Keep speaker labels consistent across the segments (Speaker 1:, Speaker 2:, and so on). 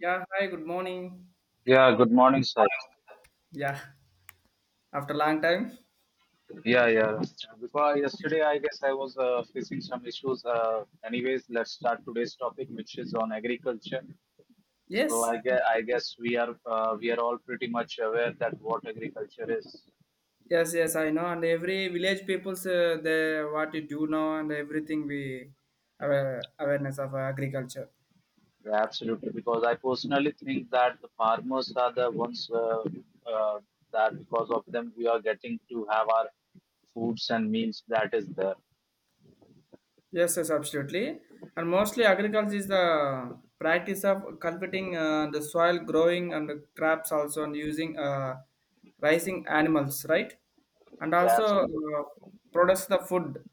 Speaker 1: Yeah, hi, good morning.
Speaker 2: Yeah, good morning, sir.
Speaker 1: Yeah, after long time.
Speaker 2: Yeah, yeah. Because yesterday, I guess I was facing some issues. Anyways, let's start today's topic, which is on agriculture. So
Speaker 1: Yes,
Speaker 2: I guess, I guess we are all pretty much aware that what agriculture is.
Speaker 1: yes, yes, I know. And every village people's they what you do now and everything we aware, awareness of agriculture.
Speaker 2: Yeah, absolutely, because I personally think that the farmers are the ones uh, that because of them we are getting to have our foods and meals that is there.
Speaker 1: Yes, yes, absolutely. And mostly agriculture is the practice of cultivating the soil, growing and the crops also, and using raising animals, right? And
Speaker 2: Yeah,
Speaker 1: also
Speaker 2: absolutely.
Speaker 1: produce the food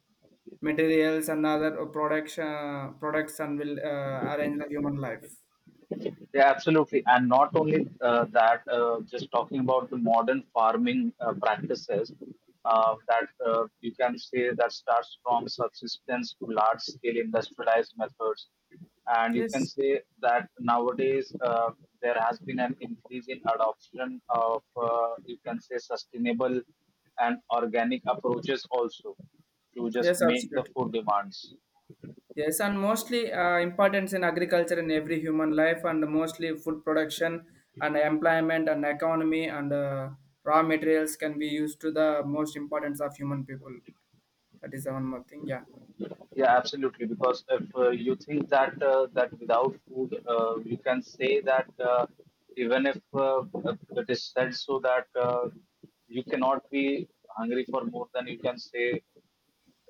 Speaker 1: materials and other products products and will arrange the human life.
Speaker 2: Yeah, absolutely. And not only that, just talking about the modern farming practices that you can say that starts from subsistence to large scale industrialized methods. And you can
Speaker 1: Yes,
Speaker 2: say that nowadays there has been an increase in adoption of, you can say, sustainable and organic approaches also to just
Speaker 1: yes,
Speaker 2: make the
Speaker 1: absolutely.
Speaker 2: food demands.
Speaker 1: Yes, and mostly importance in agriculture in every human life and mostly food production and employment and economy and raw materials can be used to the most importance of human people. That is the one more thing. Yeah,
Speaker 2: Yeah, absolutely. Because if you think that that without food, you can say that even if it is said so that you cannot be hungry for more than you can say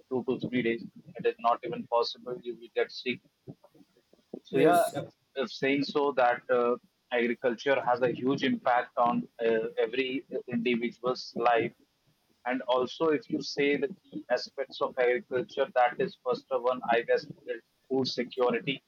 Speaker 2: 2 to 3 days. It is not even possible. You will get sick. So yeah,
Speaker 1: yes.
Speaker 2: if saying so that agriculture has a huge impact on every individual's life. And also, if you say the key aspects of agriculture, that is first one, I guess, is food security.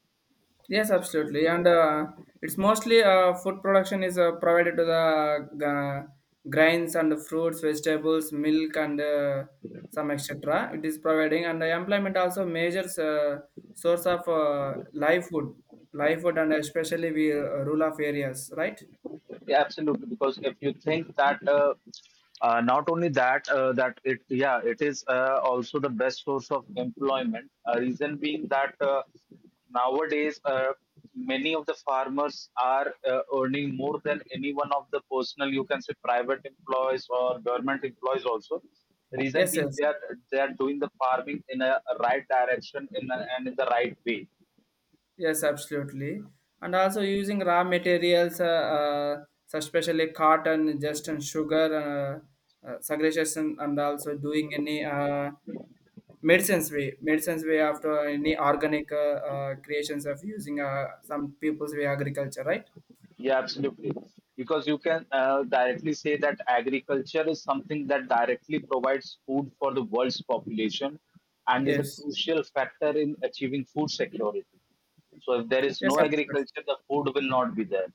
Speaker 1: Yes,
Speaker 2: So you.
Speaker 1: absolutely. And it's mostly food production is provided to the grains and fruits, vegetables, milk, and some etc. It is providing, and the employment also major source of live food, and especially we rural of areas, right?
Speaker 2: Yeah, absolutely. Because if you think that not only that that it yeah it is also the best source of employment. Reason being that nowadays many of the farmers are earning more than any one of the personal you can say private employees or government employees also. Reason
Speaker 1: Yes,
Speaker 2: being
Speaker 1: yes,
Speaker 2: they are doing the farming in a right direction in a, and in the right way.
Speaker 1: yes, absolutely. And also using raw materials, so especially cotton, just and sugar, segregation, and also doing any. Medicines way medicines way after any organic creations of using some people's way agriculture, right?
Speaker 2: Yeah, absolutely. Because you can directly say that agriculture is something that directly provides food for the world's population and is a
Speaker 1: Yes,
Speaker 2: crucial factor in achieving food security. So, if there is
Speaker 1: yes,
Speaker 2: no
Speaker 1: absolutely.
Speaker 2: agriculture, the food will not be there.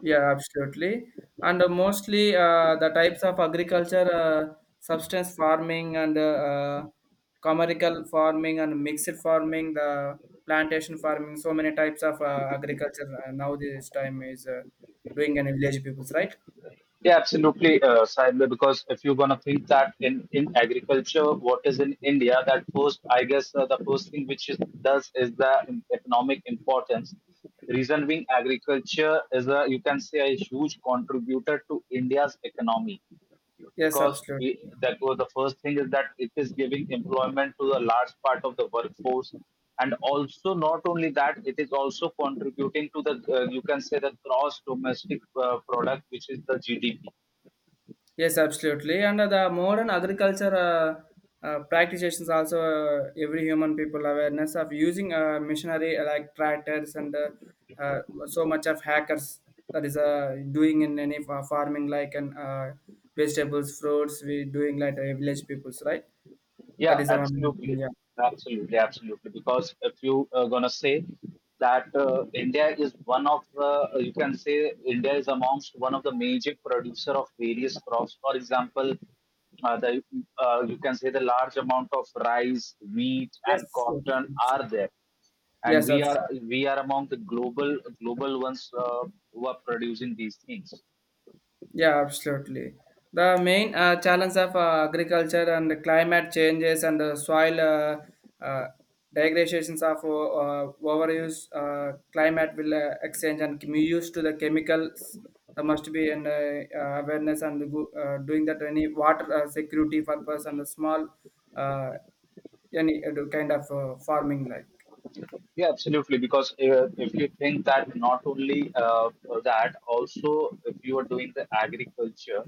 Speaker 1: Yeah, absolutely. And mostly the types of agriculture, substance farming and commercial farming and mixed farming, the plantation farming, so many types of agriculture now this time is doing in village peoples, right?
Speaker 2: Yeah, absolutely, Sahil, because if you're gonna think that in agriculture, what is in India, that first, I guess, the first thing which it does is the economic importance. Reason being, agriculture is a, you can say, a huge contributor to India's economy
Speaker 1: Yes,
Speaker 2: because
Speaker 1: absolutely.
Speaker 2: we, that was the first thing is that it is giving employment to a large part of the workforce. And also, not only that, it is also contributing to the, you can say, the gross domestic product, which is the GDP.
Speaker 1: Yes, absolutely. And the modern agriculture practitioners also every human people awareness of using machinery like tractors and so much of hackers, that is doing in any farming like and vegetables, fruits. We doing like village peoples, right? That
Speaker 2: Yeah,
Speaker 1: is the one.
Speaker 2: absolutely.
Speaker 1: Yeah.
Speaker 2: Absolutely, absolutely. Because if you are gonna say that India is one of the, you can say India is amongst one of the major producer of various crops. For example, the you can say the large amount of rice, wheat, and
Speaker 1: Yes. Yes.
Speaker 2: cotton are there,
Speaker 1: Absolutely.
Speaker 2: and
Speaker 1: Yes.
Speaker 2: we are
Speaker 1: Absolutely.
Speaker 2: we are among the global ones who are producing these things.
Speaker 1: Yeah, absolutely. The main challenge of agriculture and climate changes and soil degradations of overuse, climate will exchange and use to the chemicals. There must be an awareness and go, doing that any water security purpose and a small uh, any kind of farming like.
Speaker 2: Yeah, absolutely. Because if you think that not only that, also if you are doing the agriculture,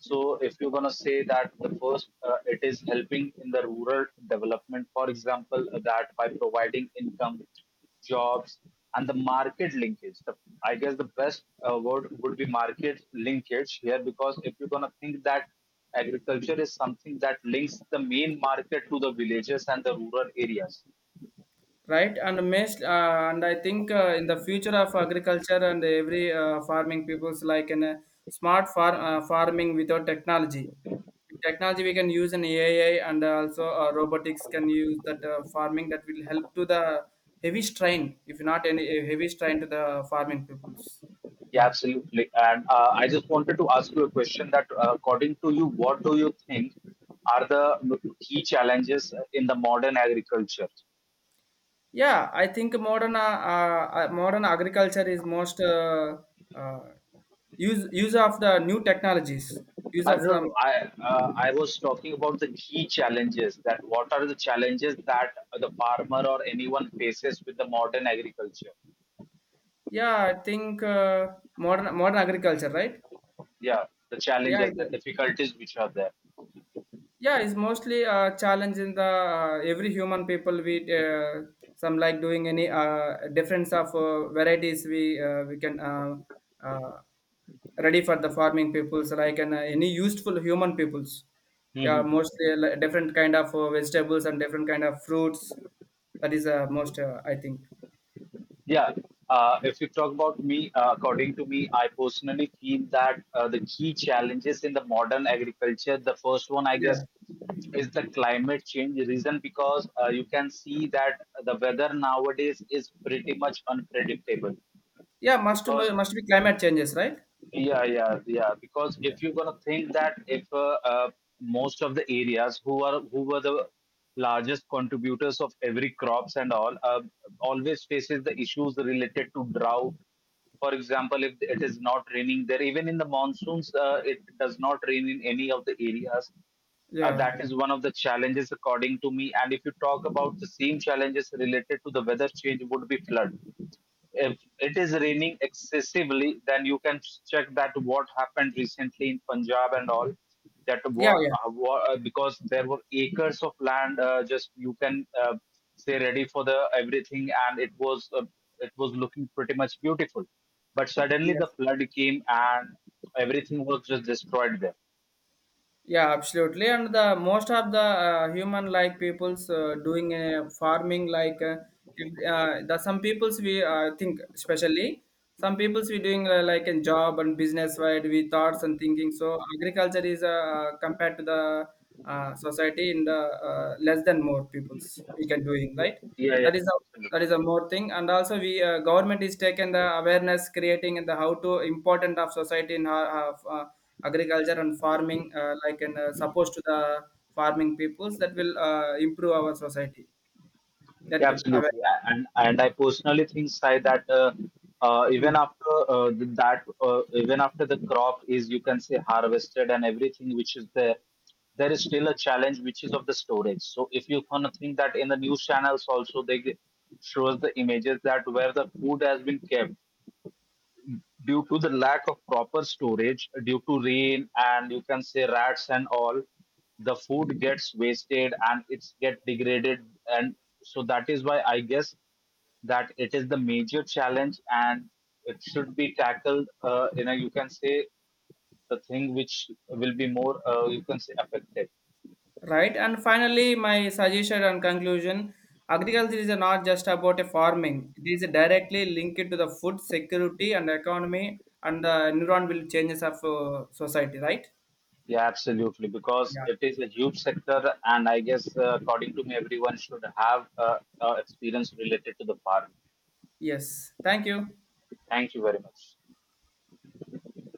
Speaker 2: so if you're gonna say that the first, it is helping in the rural development, for example, that by providing income, jobs, and the market linkage. The, I guess the best word would be market linkage here because if you're gonna think that agriculture is something that links the main market to the villages and the rural areas.
Speaker 1: Right, and most and I think in the future of agriculture and every farming people's like in a smart farm farming without technology, technology we can use an AI and also robotics can use that farming that will help to the heavy strain, if not any heavy strain to the farming peoples.
Speaker 2: Yeah,
Speaker 1: Yeah,
Speaker 2: absolutely. And I just wanted to ask you a question that, according to you, what do you think are the key challenges in the modern agriculture?
Speaker 1: yeah, I think modern modern agriculture is most uh, use use of the new technologies, use of
Speaker 2: Arun,
Speaker 1: some.
Speaker 2: I was talking about the key challenges that what are the challenges that the farmer or anyone faces with the modern agriculture?
Speaker 1: Yeah, I think modern agriculture, right?
Speaker 2: Yeah, the
Speaker 1: Yeah,
Speaker 2: challenges, the
Speaker 1: it,
Speaker 2: difficulties which are there.
Speaker 1: yeah, it's mostly a challenge in the every human people. We some like doing any difference of varieties. We can uh, ready for the farming peoples like and any useful human peoples. Yeah, mostly like, different kind of vegetables and different kind of fruits. That is most I think.
Speaker 2: Yeah. If you talk about me, according to me, I personally feel that the key challenges in the modern agriculture, the first one, I guess,
Speaker 1: Yeah,
Speaker 2: is the climate change. Reason because you can see that the weather nowadays is pretty much unpredictable
Speaker 1: yeah, must
Speaker 2: because
Speaker 1: must be climate changes, right?
Speaker 2: yeah, yeah, yeah. Because
Speaker 1: Yeah,
Speaker 2: if you're gonna think that if most of the areas who were the largest contributors of every crops and all always faces the issues related to drought. For example, if it is not raining there, even in the monsoons, it does not rain in any of the areas.
Speaker 1: yeah,
Speaker 2: That is one of the challenges, according to me. And if you talk about the same challenges related to the weather change, would be flood if it is raining excessively, then you can check that what happened recently in Punjab and all. That
Speaker 1: yeah.
Speaker 2: what,
Speaker 1: Yeah.
Speaker 2: because there were acres of land just you can say ready for the everything, and it was looking pretty much beautiful, but suddenly the
Speaker 1: Yes.
Speaker 2: flood came and everything was just destroyed there.
Speaker 1: Yeah, absolutely. And the most of the human like peoples doing farming like the some peoples we think especially some peoples we doing like a job and business, right? We thoughts and thinking, so agriculture is compared to the society in the less than more peoples we can doing,
Speaker 2: Yeah,
Speaker 1: right?
Speaker 2: yeah,
Speaker 1: That is a,
Speaker 2: yeah.
Speaker 1: that is a more thing. And also we government is taking the awareness creating and the how to important of society in our, of, agriculture and farming like in supposed to the farming peoples that will improve our society, that
Speaker 2: Yeah,
Speaker 1: will aware-.
Speaker 2: absolutely. And I personally think, Sai, that even
Speaker 1: Mm.
Speaker 2: after even after the crop is, you can say, harvested and everything which is there, there is still a challenge which is of the storage. So if you kind of think that in the news channels also shows the images that where the food has been kept due to the lack of proper storage, due to rain and you can say rats and all, the food gets wasted and it's get degraded, and so that is why I guess that it is the major challenge and it should be tackled in a you can say the thing which will be more you can say affected.
Speaker 1: Right, and finally my suggestion and conclusion, agriculture is not just about a farming, it is directly linked to the food security and economy and the environment will changes of society, right?
Speaker 2: Yeah, absolutely, because
Speaker 1: Yeah.
Speaker 2: it is a huge sector and I guess according to me everyone should have experience related to the farm.
Speaker 1: Yes. Thank you.
Speaker 2: Thank you very much.